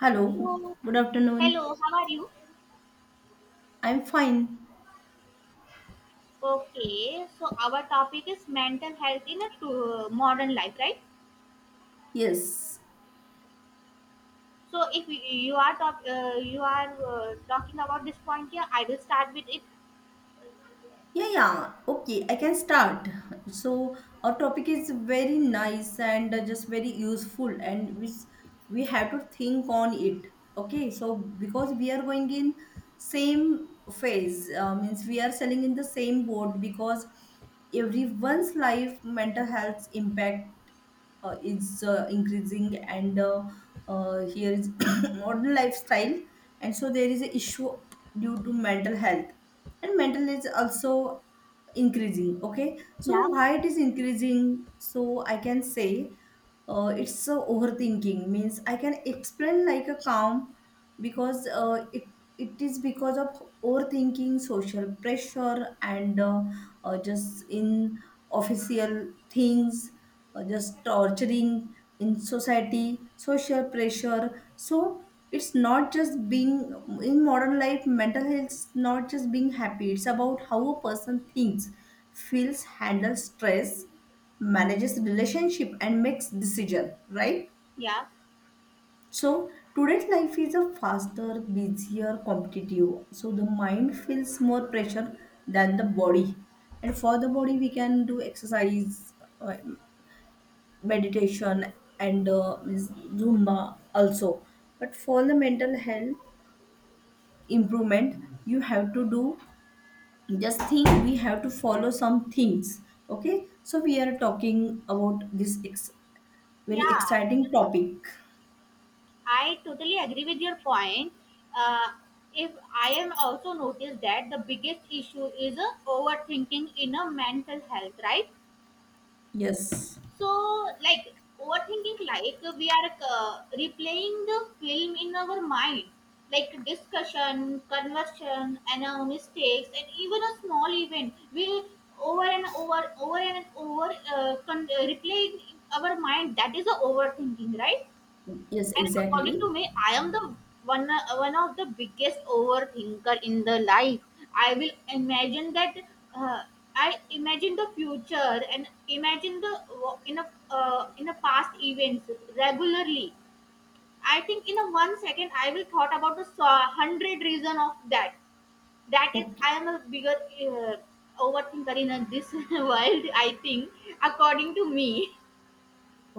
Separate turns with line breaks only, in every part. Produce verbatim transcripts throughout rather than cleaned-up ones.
Hello,
So,
good afternoon.
hello, how are you?
I'm fine.
Okay, so our topic is mental health in a to, modern life, right?
Yes.
So, if you you are talk, uh, you are uh, talking about this point here, I will start with it.
Yeah, yeah. Okay, I can start. So our topic is very nice and uh, just very useful, and we we have to think on it. Okay, so because we are going in same phase, uh, means we are selling in the same boat because everyone's life, mental health impact uh, is uh, increasing, and uh, uh, here is modern lifestyle, and so there is an issue due to mental health and mental is also increasing. Okay, so
Yeah.
why it is increasing? So I can say uh, it's uh, overthinking means I can explain like a calm, because uh, it it is because of overthinking, social pressure, and uh, uh, just in official things uh, just torturing in society, social pressure. So it's not just being in modern life, mental health is not just being happy, it's about how a person thinks, feels, handles stress, manages relationship, and makes decision, right?
Yeah,
So today's life is a faster, busier, competitive, so the mind feels more pressure than the body. And for the body we can do exercise, uh, meditation, and uh, means zumba also. But for the mental health improvement, you have to do just think, we have to follow some things. Okay, so we are talking about this ex- very
yeah,
exciting topic.
I totally agree with your point. Uh, if I am also noticed that the biggest issue is uh, overthinking in a mental health, right?
Yes,
So, like overthinking, like we are uh, replaying the film in our mind, like discussion, conversion, and our mistakes, and even a small event. We'll over and over, over and over, uh, con- uh, replay in our mind. That is a overthinking, right?
yes,
And
exactly.
according to me, I am the one uh, one of the biggest overthinker in the life. I will imagine that uh, I imagine the future and imagine the uh, in a uh, in a past events regularly. I think in a one second I will thought about the so- hundred reason of that. That is,
Okay.
I am a bigger uh, overthinker in uh, this world. I think according to me.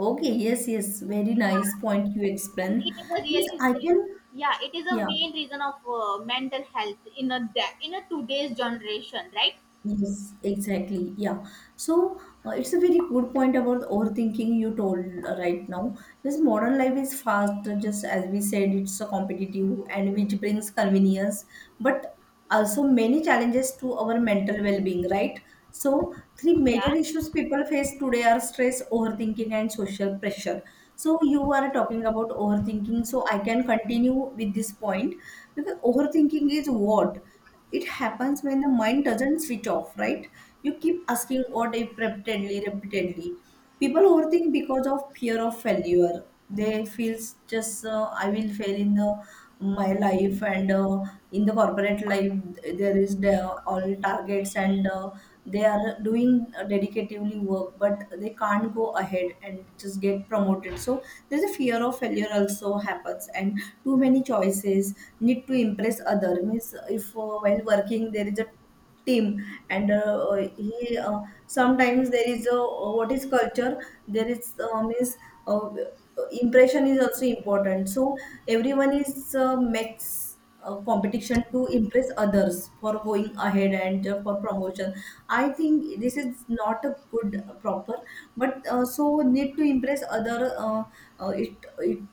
Okay, yes, yes, very nice point you
And
explained.
it is a
Means
really,
I
really.
can.
Yeah. It is a
Yeah.
main reason of uh, mental health in a de- in a today's generation, right?
Yes, exactly. Yeah. So uh, it's a very good point about overthinking you told uh, right now. This modern life is fast, uh, just as we said, it's a competitive and which brings convenience, but also many challenges to our mental well-being, right? So three
Yeah,
major issues people face today are stress, overthinking, and social pressure. So you are talking about overthinking, so I can continue with this point, because overthinking is what? It happens when the mind doesn't switch off, right? You keep asking what if, repeatedly, repeatedly. People overthink because of fear of failure. They feel just uh, I will fail in the, my life, and uh, in the corporate life there is the, all targets, and uh, they are doing uh, dedicatively work, but they can't go ahead and just get promoted. So there's a fear of failure also happens, and too many choices, need to impress other, means if uh, while working there is a team, and uh, he uh, sometimes there is a what is culture, there is uh, means uh, impression is also important, so everyone is uh, makes uh, competition to impress others for going ahead and uh, for promotion. I think this is not a good uh, proper, but uh, so need to impress other, uh, uh, it it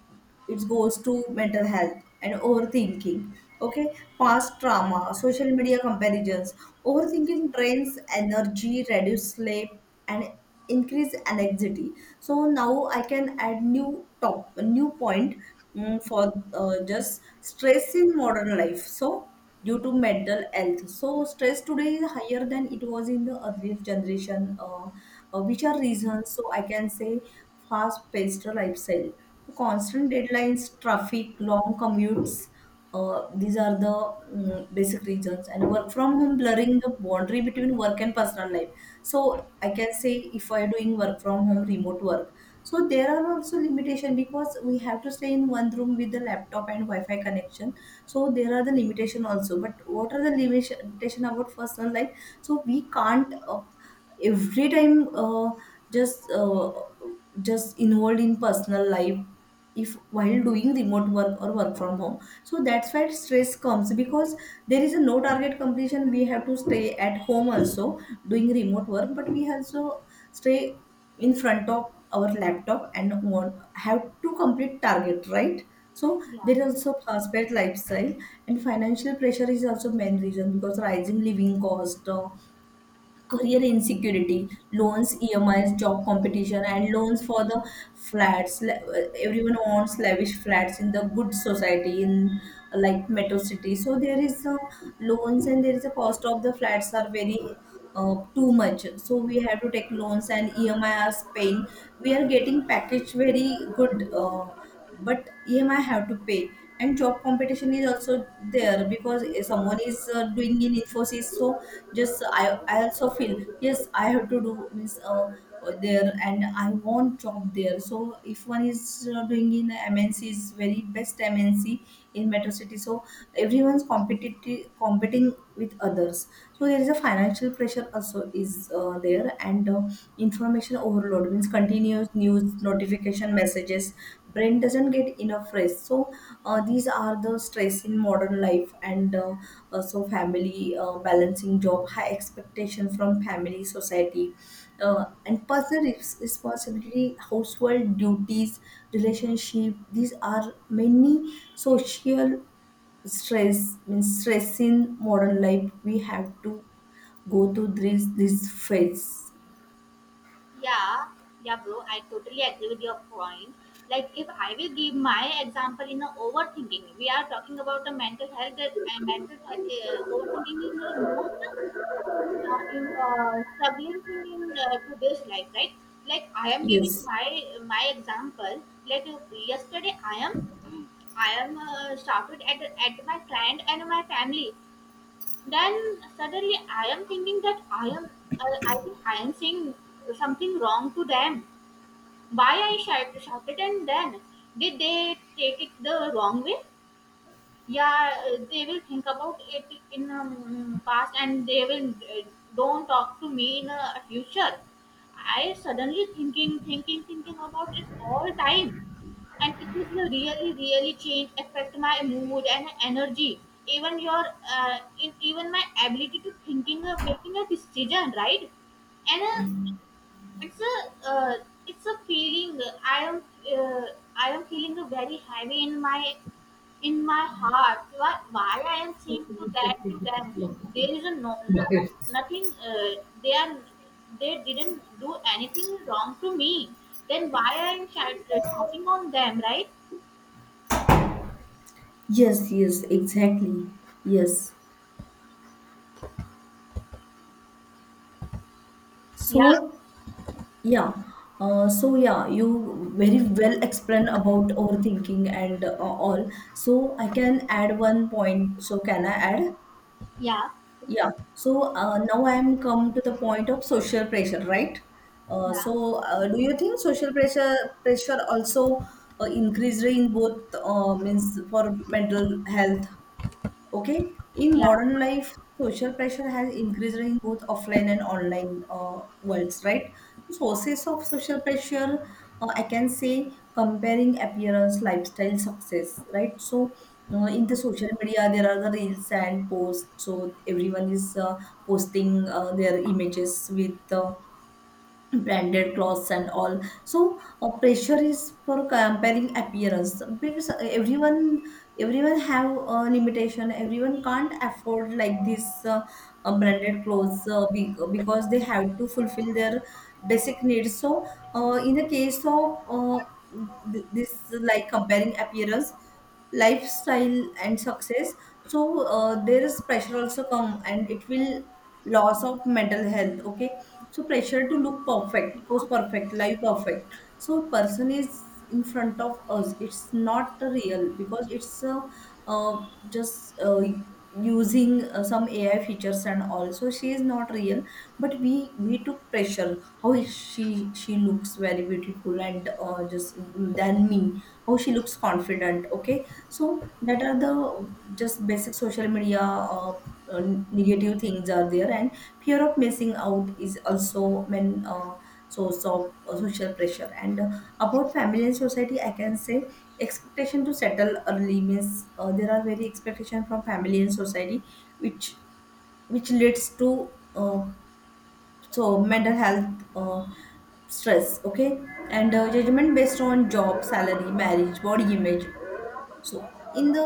it goes to mental health and overthinking. Okay, past trauma, social media comparisons, overthinking drains energy, reduce sleep, and increase anxiety. So now I can add new top new point, mm, for uh, just stress in modern life, so due to mental health. So stress today is higher than it was in the earlier generation, uh, uh, which are reasons. So I can say fast-paced lifestyle, so constant deadlines, traffic, long commutes. Uh, these are the mm, basic reasons, and work from home blurring the boundary between work and personal life. So I can say if I are doing work from home, remote work, so there are also limitation, because we have to stay in one room with the laptop and wi-fi connection. So there are the limitation also, but what are the limitation about personal life? So we can't uh, every time uh, just uh, just involved in personal life if while doing remote work or work from home. So that's where stress comes, because there is a no target completion, we have to stay at home also doing remote work, but we also stay in front of our laptop and want, have to complete target, right? So
yeah,
there is also fast-paced lifestyle. And financial pressure is also main reason, because rising living cost, uh, career insecurity, loans, E M Is, job competition, and loans for the flats. Le- uh, Everyone wants lavish flats in the good society in like metro city. So there is a loans, and there is a cost of the flats are very uh, too much. So we have to take loans and E M I are paying. We are getting package very good. Uh, but E M I have to pay, and job competition is also there, because someone is uh, doing in Infosys, so just I, I also feel yes I have to do, means uh, there, and I want job there. So if one is uh, doing in M N C is very best M N C in metro city, so everyone's competitive, competing with others. So there is a financial pressure also is uh, there. And uh, information overload means continuous news, notification, messages, brain doesn't get enough rest. So uh, these are the stress in modern life. And uh, uh, so family, uh, balancing job, high expectation from family, society, uh, and personal res- responsibility, household duties, relationship, these are many social stress, means stress in modern life we have to go through this this phase.
yeah, yeah, bro, I totally agree with your point. Like if I will give my example in a overthinking, we are talking about the mental health that uh, mental he- uh, overthinking is the most uh, in, uh, struggling thing in uh, today's life, right? Like I am giving
Yes,
my my example. Like uh, yesterday, i am I am uh, shouted at, at my client and my family. Then suddenly I am thinking that I am, uh, I think I am saying something wrong to them. Why I shout, shouted, and then did they take it the wrong way? Yeah, uh, they will think about it in um, past, and they will uh, don't talk to me in uh, future. I suddenly thinking, thinking, thinking about it all time, and it will really, really change affect my mood and energy, even your, uh, in, even my ability to thinking of making a decision, right? And uh, it's a uh, it's a feeling. I am uh, i am feeling a very heavy in my in my heart. Why, why I am saying to that to them? There is a no, no- nothing, uh, they are they didn't do anything wrong to me. Then why I am shout- shouting on them, right?
yes, yes, exactly. Yes.
Yeah,
So, yeah, uh, so yeah, you very well explain about overthinking and uh, all. So I can add one point. So can I add?
yeah,
Yeah. So uh, now I am come to the point of social pressure, right? Uh,
yeah,
so uh, do you think social pressure pressure also uh, increased in both uh, means for mental health? Okay, in
yeah,
modern life, social pressure has increased in both offline and online uh, worlds, right? So
yeah,
sources of social pressure, uh, I can say comparing appearance, lifestyle, success, right? So uh, in the social media, there are the reels and posts. So everyone is uh, posting uh, their images with uh, branded clothes and all. So uh, pressure is for comparing appearance, because everyone everyone have a limitation, everyone can't afford like this uh, uh, branded clothes, uh, be- because they have to fulfill their basic needs. So uh, in the case of uh, th- this like comparing appearance, lifestyle and success, so uh, there is pressure also come, and it will loss of mental health. Okay, so pressure to look perfect,
yeah.
post perfect, live perfect, so person is in front of us, it's not real, because it's uh, uh, just uh, using uh, some ai features and all, so she is not real. But we we took pressure, how is she she looks very beautiful and uh, just mm, than me, how she looks confident. Okay, so that are the just basic social media uh, uh, negative things are there. And fear of missing out is also main uh, source of uh, social pressure. And uh, about family and society I can say expectation to settle early, means uh, there are very expectation from family and society, which which leads to uh, so mental health uh, stress. Okay, and uh, judgment based on job, salary, marriage, body image. So in the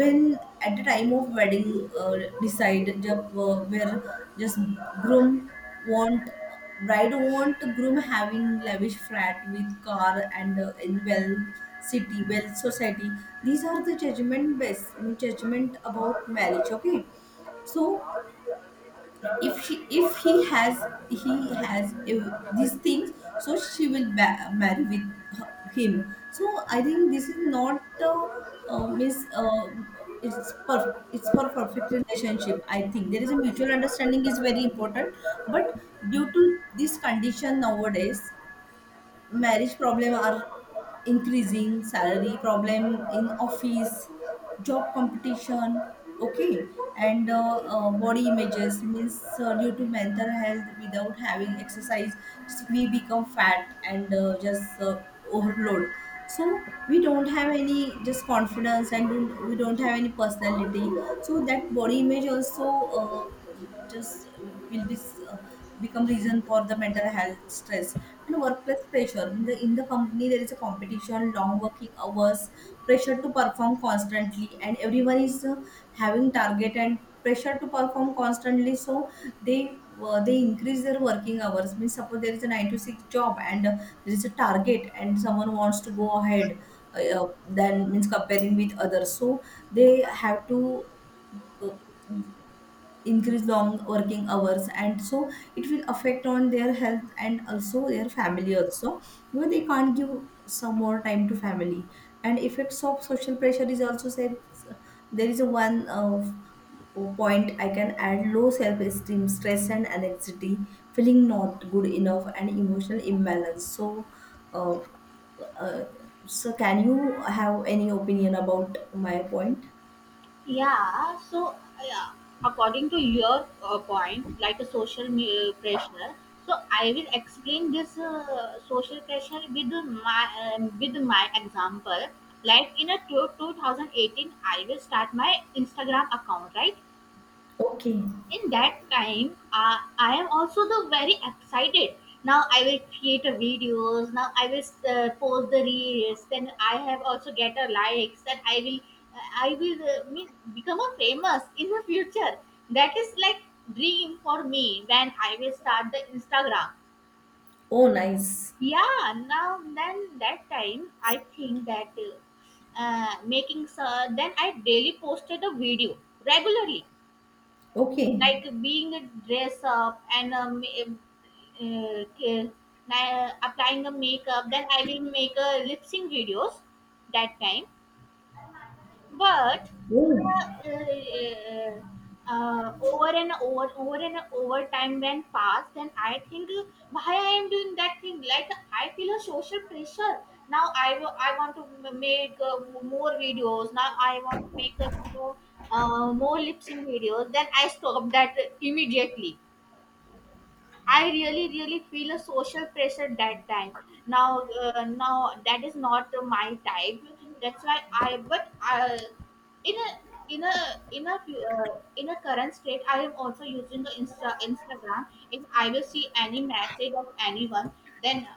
when at the time of wedding, uh, decide जब uh, where just groom want, bride want groom having lavish flat with car, and uh, in well city, well society, these are the judgment based, judgment about marriage. Okay, so if he if he has, he has uh, these things, so she will ba- marry with her, him. So I think this is not uh, uh, miss uh, it's per it's for perfect relationship. I think there is a mutual understanding is very important. But due to this condition nowadays, marriage problem are increasing, salary problem, in office job competition. Okay, and uh, uh, body images means uh, due to mental health, without having exercise just we become fat and uh, just uh, overload. So we don't have any just confidence, and don't, we don't have any personality. So that body image also uh, just will be uh, become reason for the mental health stress. And workplace pressure, in the in the company there is a competition, long working hours, pressure to perform constantly, and everyone is uh, having target and pressure to perform constantly. So they uh, they increase their working hours, means suppose there is a nine to six job, and uh, there is a target and someone wants to go ahead uh, than, means comparing with others. So they have to uh, increase long working hours. And so it will affect on their health and also their family also, because they can't give some more time to family. And effects of social pressure is also said, there is a one of point I can add, low self-esteem, stress and anxiety, feeling not good enough, and emotional imbalance. So uh, uh, so can you have any opinion about my point?
Yeah. So, yeah, according to your uh, point, like a social me- uh, pressure. So I will explain this uh, social pressure with my uh, with my example. Like in a two, two thousand eighteen, I will start my Instagram account, right?
Okay.
In that time, uh, I am also the very excited. Now I will create a videos. Now I will uh, post the reels. Then I have also get a likes that i will uh, i will uh, mean, become a famous in the future. That is like dream for me when I will start the Instagram.
Oh, nice.
Yeah, now then that time I think that uh, uh, making so. Then I daily posted a video regularly,
Okay.
like being a dress up, and um, uh, k- applying a makeup. Then I will make a lip sync videos that time. But
Oh,
uh, uh, uh, over and over, over and over, time went past, and I think, uh, why I am doing that thing? Like I feel a social pressure. Now i wa- I want to m- make uh, more videos. Now I want to make uh, more, uh, more lip sync videos. Then I stop that immediately. I really, really feel a social pressure that time. Now, uh, now, that is not my type. That's why I. But uh, in a in a in a fu- uh, in a current state, I am also using the Insta, Instagram. If I will see any message of anyone, then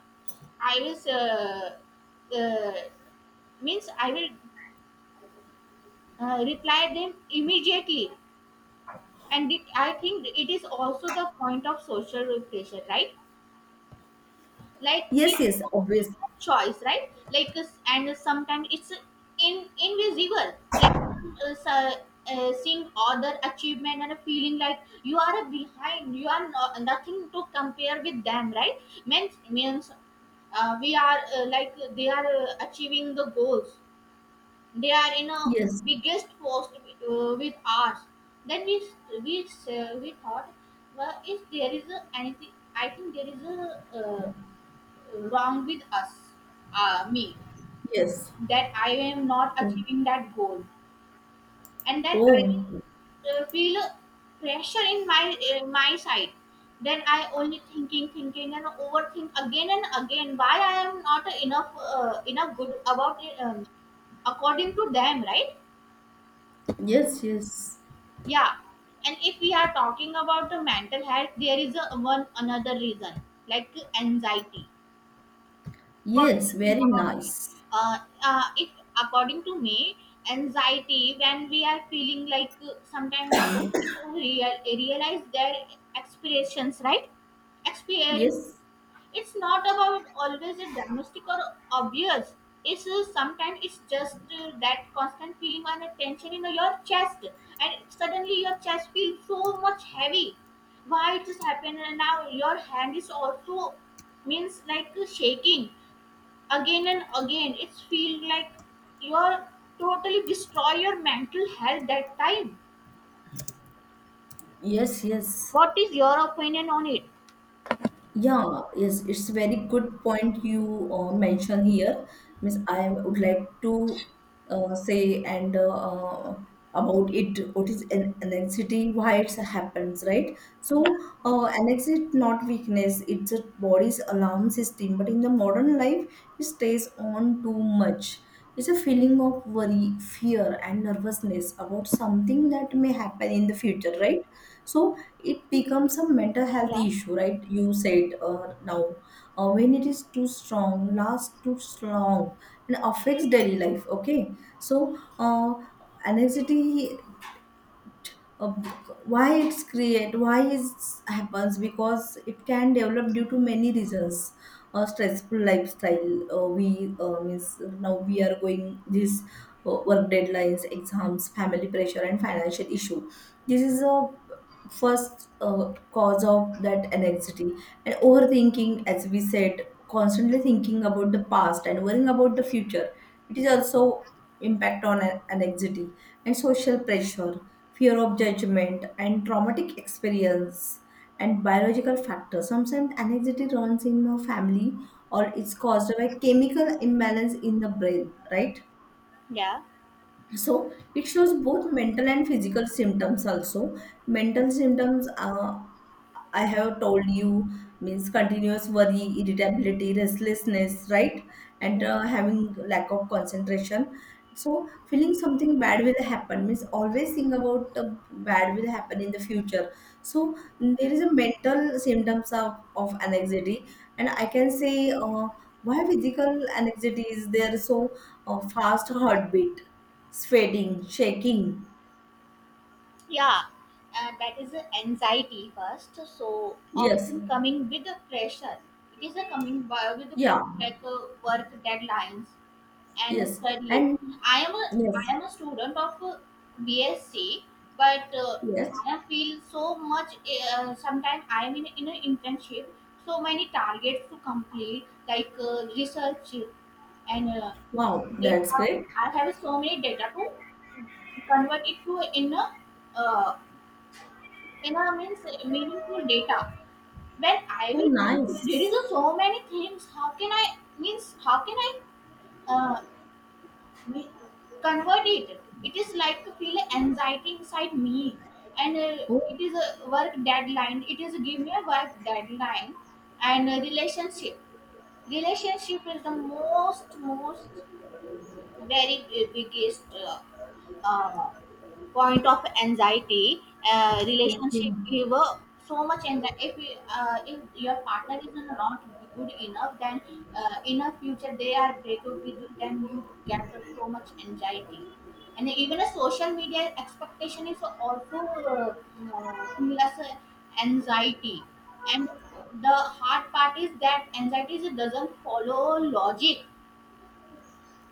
I will uh, uh, means I will uh, reply them immediately. And it, I think it is also the point of social pressure, right? Like
yes, yes,
people
obvious.
make a choice, right? Like, uh, and sometimes it's uh, in invisible, like uh, so- uh, seeing other achievement, and a feeling like you are a behind, you are, no, nothing to compare with them, right? Means, means uh, we are uh, like they are uh, achieving the goals. They are in a
Yes,
biggest post uh, with ours. Then we we uh, we thought, well, if there is a anything, I think there is a uh, wrong with us, uh, me,
yes.
that I am not
Oh.
achieving that goal, and then I will
Oh.
uh, feel pressure in my uh, my side. Then I only thinking, thinking, and overthink again and again, why I am not enough uh, enough good about it, um, according to them, right?
Yes, yes.
Yeah. And if we are talking about the mental health, there is a one another reason, like anxiety. What
Yes,
do.
very nice.
Uh, uh, if according to me, anxiety, when we are feeling like uh, sometimes we don't even real, realize their expressions, right? Experience.
Yes,
It's not about always a domestic or obvious. It's uh, sometimes it's just uh, that constant feeling and tension in your chest, and suddenly your chest feels so much heavy. Why it is happening now? Your hand is also, means like, uh, shaking again and again. It's feel like you're totally destroy your mental health that time.
yes, yes.
What is your opinion on it?
Yeah, yes, it's a very good point you uh, mentioned here. Miss, I would like to uh, say and uh, uh, about it. What is an anxiety? Why it happens, right? So, uh, anxiety is not weakness. It's a body's alarm system. But in the modern life, it stays on too much. It's a feeling of worry, fear, and nervousness about something that may happen in the future, right? So it becomes a mental health
Yeah.
issue, right? You said uh, now uh, when it is too strong, lasts too strong and affects daily life. Okay, so uh, anxiety, uh, why it's create, why it happens, because it can develop due to many reasons. uh, stressful lifestyle, uh, we uh, means now we are going this uh, work deadlines, exams, family pressure, and financial issue. This is a first uh, cause of that anxiety. And overthinking, as we said, constantly thinking about the past and worrying about the future, it is also impact on an- anxiety. And social pressure, fear of judgment, and traumatic experience, and biological factors. Sometimes anxiety runs in a family or it's caused by chemical imbalance in the brain, right?
Yeah.
So it shows both mental and physical symptoms also. Mental symptoms, uh, I have told you, means continuous worry, irritability, restlessness, right? And
Yeah.
uh, having lack of concentration. So feeling something bad will happen, means always think about the bad will happen in the future. So there is a mental symptoms of, of anxiety. And I can say, uh, why physical anxiety is there. So uh, fast heartbeat, sweating, shaking.
Yeah. Uh, that is the anxiety first, so
Yes.
often coming with the pressure. It is a coming by with the
Yeah,
pressure, like uh, work deadlines and
yes.
studies.
And
I am a
yes,
I am a student of uh, BSc, but uh,
yes.
I feel so much. Uh, Sometimes I am in in an internship, so many targets to complete, like uh, research and uh,
Wow,
data.
that's great.
I have so many data to convert it to in a uh, in a means meaningful data. When I
Oh,
will,
nice.
there is a so many things. How can I means? How can I? uh, Me, convert it it is like to feel anxiety inside me. And uh,
Oh.
it is a work deadline, it is give me a work deadline. And a relationship relationship is the most most very uh, biggest uh, uh, point of anxiety. Uh, relationship
Okay.
give uh, so much, and if you- uh, if your partner is not good enough, then uh, in a future they are break up with you, then you get so much anxiety. And even a social media expectation is also uh, uh, feel as a anxiety. And the hard part is that anxiety doesn't follow logic.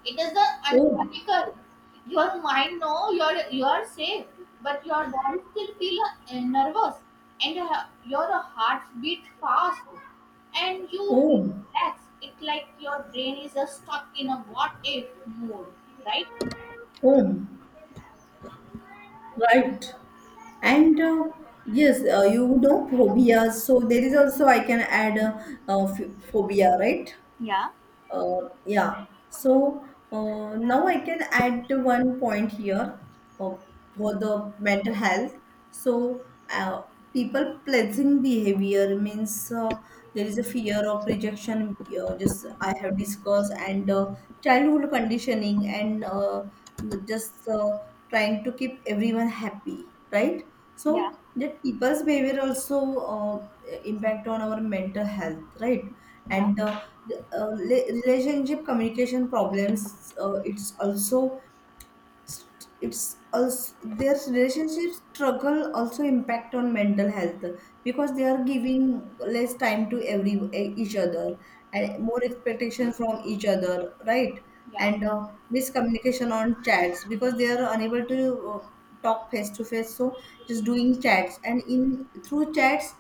It is the
Oh,
unlogical. Your mind know you are you are safe, but your body still feel uh, nervous, and your, your heart beats fast, and you relax
oh,
relaxed. It's like your brain is uh, stuck in a what if mode, right?
oh. Right. And uh, yes, uh, you know phobia. So there is also I can add a, uh uh, ph phobia, right?
Yeah,
Uh, yeah. So uh, now I can add one point here uh, for the mental health. So uh, people pleasing behavior, means uh, there is a fear of rejection. Uh, just I have discussed. And uh, childhood conditioning and uh, the- just uh, trying to keep everyone happy, right?
yeah,
So that people's behavior also uh, impact on our mental health, right?
yeah,
And uh, the, uh, le- relationship communication problems, uh, it's also, it's also, their relationship struggle also impact on mental health, because they are giving less time to every e, each other and more expectation from each other, right?
yeah.
And uh, miscommunication on chats, because they are unable to uh, talk face to face, so just doing chats, and in through chats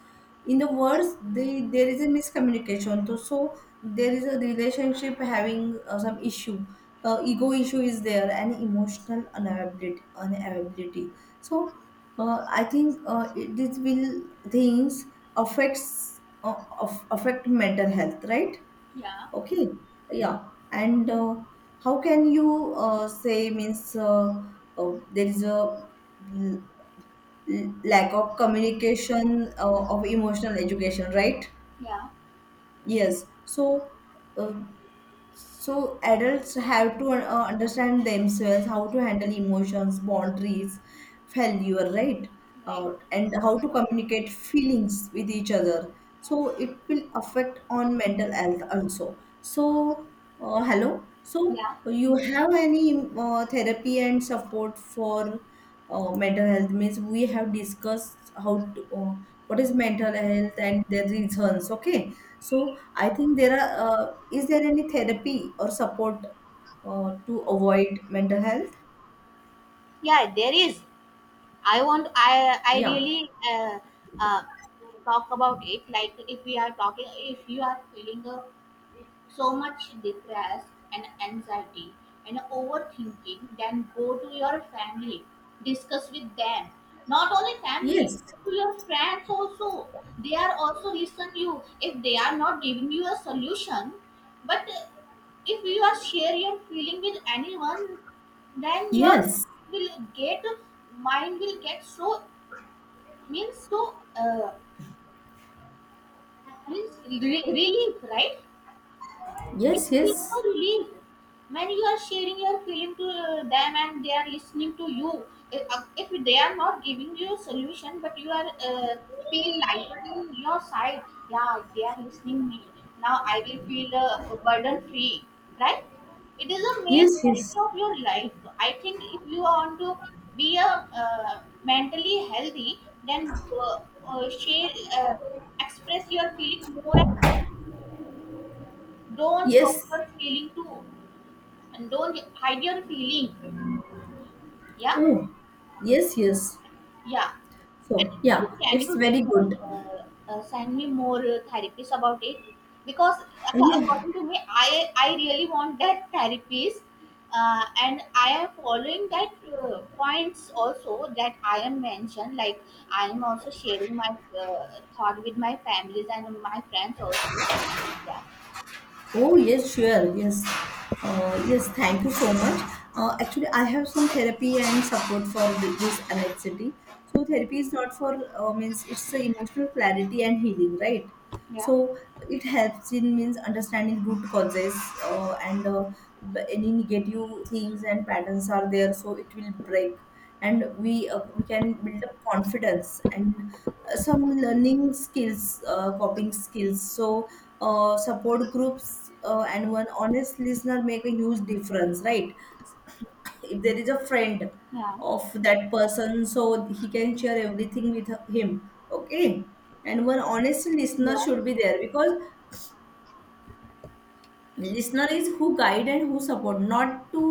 in the words they there is a miscommunication. So, so there is a relationship having uh, some issue, uh, ego issue is there, and emotional unavailability unavailability. So uh, i think uh, it- this will things affects uh, of, affect mental health, right?
Yeah,
Okay. Yeah, and uh, how can you uh, say, means, uh, uh, there is a l- l- lack of communication uh, of emotional education, right?
yeah,
Yes. So uh, so adults have to uh, understand themselves how to handle emotions, boundaries, failure, right?
right.
Uh, and how to communicate feelings with each other. So it will affect on mental health also. So uh, hello. So
Yeah,
you have any um, uh, therapy and support for uh, mental health, means we have discussed how to, uh, what is mental health and the reasons. Okay, so I think there are uh, is there any therapy or support uh, to avoid mental health?
yeah. There is. I want. I I
Yeah,
really, uh, uh, talk about it. Like if we are talking, if you are feeling a so much depressed and anxiety and overthinking, then go to your family, discuss with them. Not only family,
yes,
go to your friends also. They are also listen you, if they are not giving you a solution. But uh, if you are share your feeling with anyone, then your
yes.
will get mind will get so means so uh, means re- relief, right? It
Yes,
feels so
yes,
relief when you are sharing your feeling to uh, them, and they are listening to you. Uh, If they are not giving you a solution, but you are uh, feel lighter in your side. Yeah, they are listening me. Now I will feel uh, burden free, right? It is a main
yes, yes,
quality of your life. I think if you want to be a uh, mentally healthy, then uh, uh, share, uh, express your feeling more. And more. Don't hide
yes.
your feeling to, and don't hide your feeling. Yeah.
Oh, yes, yes.
Yeah. And
So
please,
yeah,
can you
it's very good.
uh, uh, send me more uh, therapies about it? Because uh,
Yeah.
according to me, i i really want that therapies, uh, and I am following that uh, points also that I am mentioned, like I am also sharing my uh, thought with my families and my friends also. Yeah,
Oh, yes, sure. Yes. Uh, yes, thank you so much. Uh, actually, I have some therapy and support for th- this anxiety. So, therapy is not for, uh, means it's a emotional clarity and healing, right?
yeah,
So, it helps in, means, understanding root causes uh, and uh, b- any negative things and patterns are there. So, it will break, and we uh, we can build up confidence and uh, some learning skills, uh, coping skills. So uh, support groups, uh, and one honest listener make a huge difference, right? If there is a friend
yeah,
of that person, so he can share everything with him. Okay. And one honest listener
yeah,
should be there, because listener is who guide and who support, not to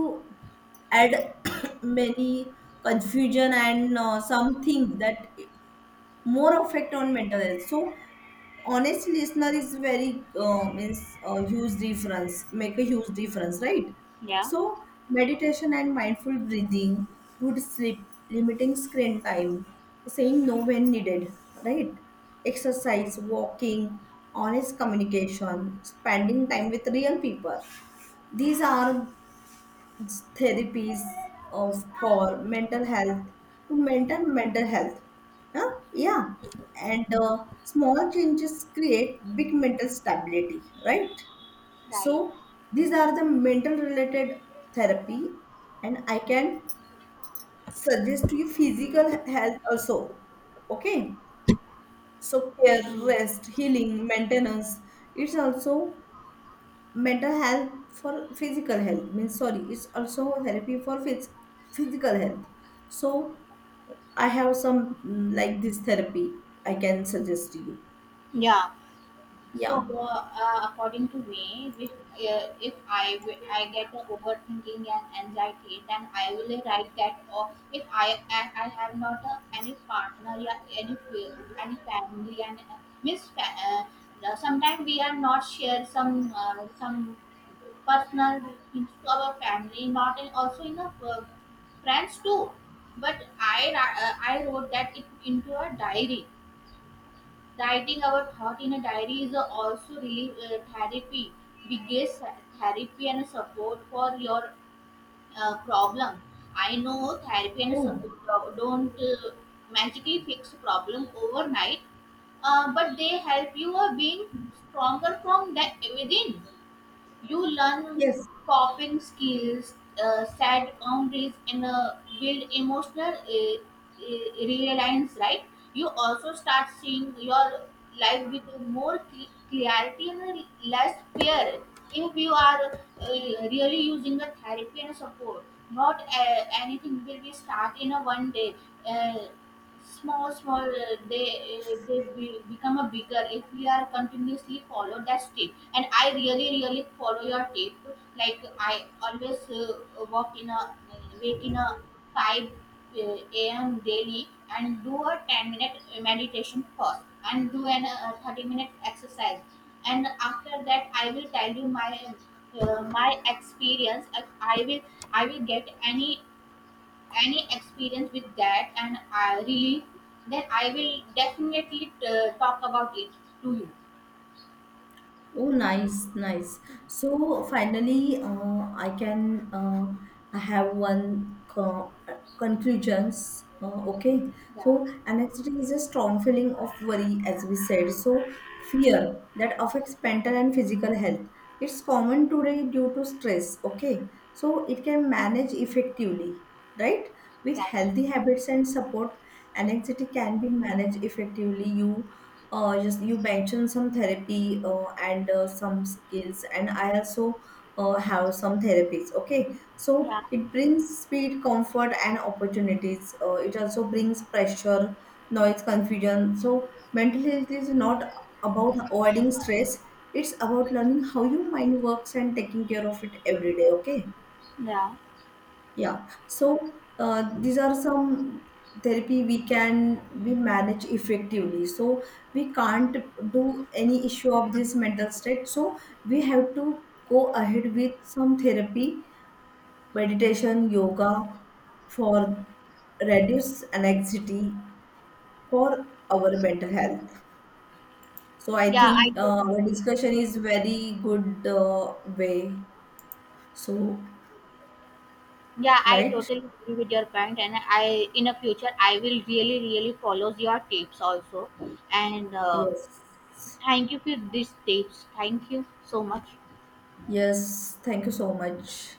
add many confusion and uh, some things that more effect on mental health. So honest listener is very uh, means a huge difference, make a huge difference, right?
yeah.
So meditation and mindful breathing, good sleep, limiting screen time, saying no when needed, right? Exercise, walking, honest communication, spending time with real people. These are therapies of for mental health, to mental mental health. Huh? Yeah. And uh, small changes create big mental stability, right?
Right.
So these are the mental related therapy. And I can suggest to you physical he- health also. Okay. So care,
Hmm.
rest, healing, maintenance, it's also mental health for physical health, means sorry, it's also therapy for phys- physical health. So I have some mm, like this therapy, I can suggest to you.
Yeah. So,
Yeah.
uh, uh, according to me, which, uh, if I wi- I get the overthinking and anxiety, then I will write that. Or if I I, I have not uh, any partner, yeah, any fa- any family, and uh, means fa- uh, uh, sometimes we are not share some uh, some personal things to our family, not in, also in a uh, friends too. But I ra- uh, I wrote that it into a diary. Writing our thought in a diary is also really uh, therapy, biggest therapy and support for your uh, problem. I know therapy and
Oh,
support do- don't uh, magically fix problem overnight, uh, but they help you uh, being stronger from the within. You learn
yes.
coping skills, uh, set boundaries, and uh, build emotional uh, uh, reliance, right? You also start seeing your life with more cl- clarity and less fear, if you are uh, really using the therapy and support. Not uh, anything will be start in a one day. Uh, Small small uh, they uh, they will become a bigger, if we are continuously follow that tip, and I really, really follow your tip. Like I always uh, walk in a wake in a 5 uh, am daily, and do a ten minute meditation first, and do an uh, thirty minute exercise, and after that I will tell you my uh, my experience. I I will i will get any any experience with that, and I really, then I will definitely uh, talk about it to you.
Oh, nice, nice. So finally, uh, I can uh, I have one co- conclusions. Uh, okay,
Yeah,
so anxiety is a strong feeling of worry, as we said. So fear that affects mental and physical health. It's common today due to stress. Okay, so it can manage effectively, right? With
right.
healthy habits and support, anxiety can be managed effectively. You uh, just you mentioned some therapy uh, and uh, some skills, and I also uh, have some therapies. Okay, so
Yeah,
it brings speed, comfort, and opportunities. Uh, it also brings pressure, noise, confusion. So mental health is not about avoiding stress, it's about learning how your mind works and taking care of it every day. Okay.
yeah,
Yeah. So uh, these are some therapy we can we manage effectively. So we can't do any issue of this mental state. So we have to go ahead with some therapy, meditation, yoga for reduce anxiety for our mental health. So I
yeah. I
think uh,
totally,
our
agree.
discussion is very good uh, way. So,
Yeah, I
right?
totally agree with your point, and I in the future I will really, really follow your tips also. And uh,
Yes.
thank you for these tips. Thank you so much.
Yes, thank you so much.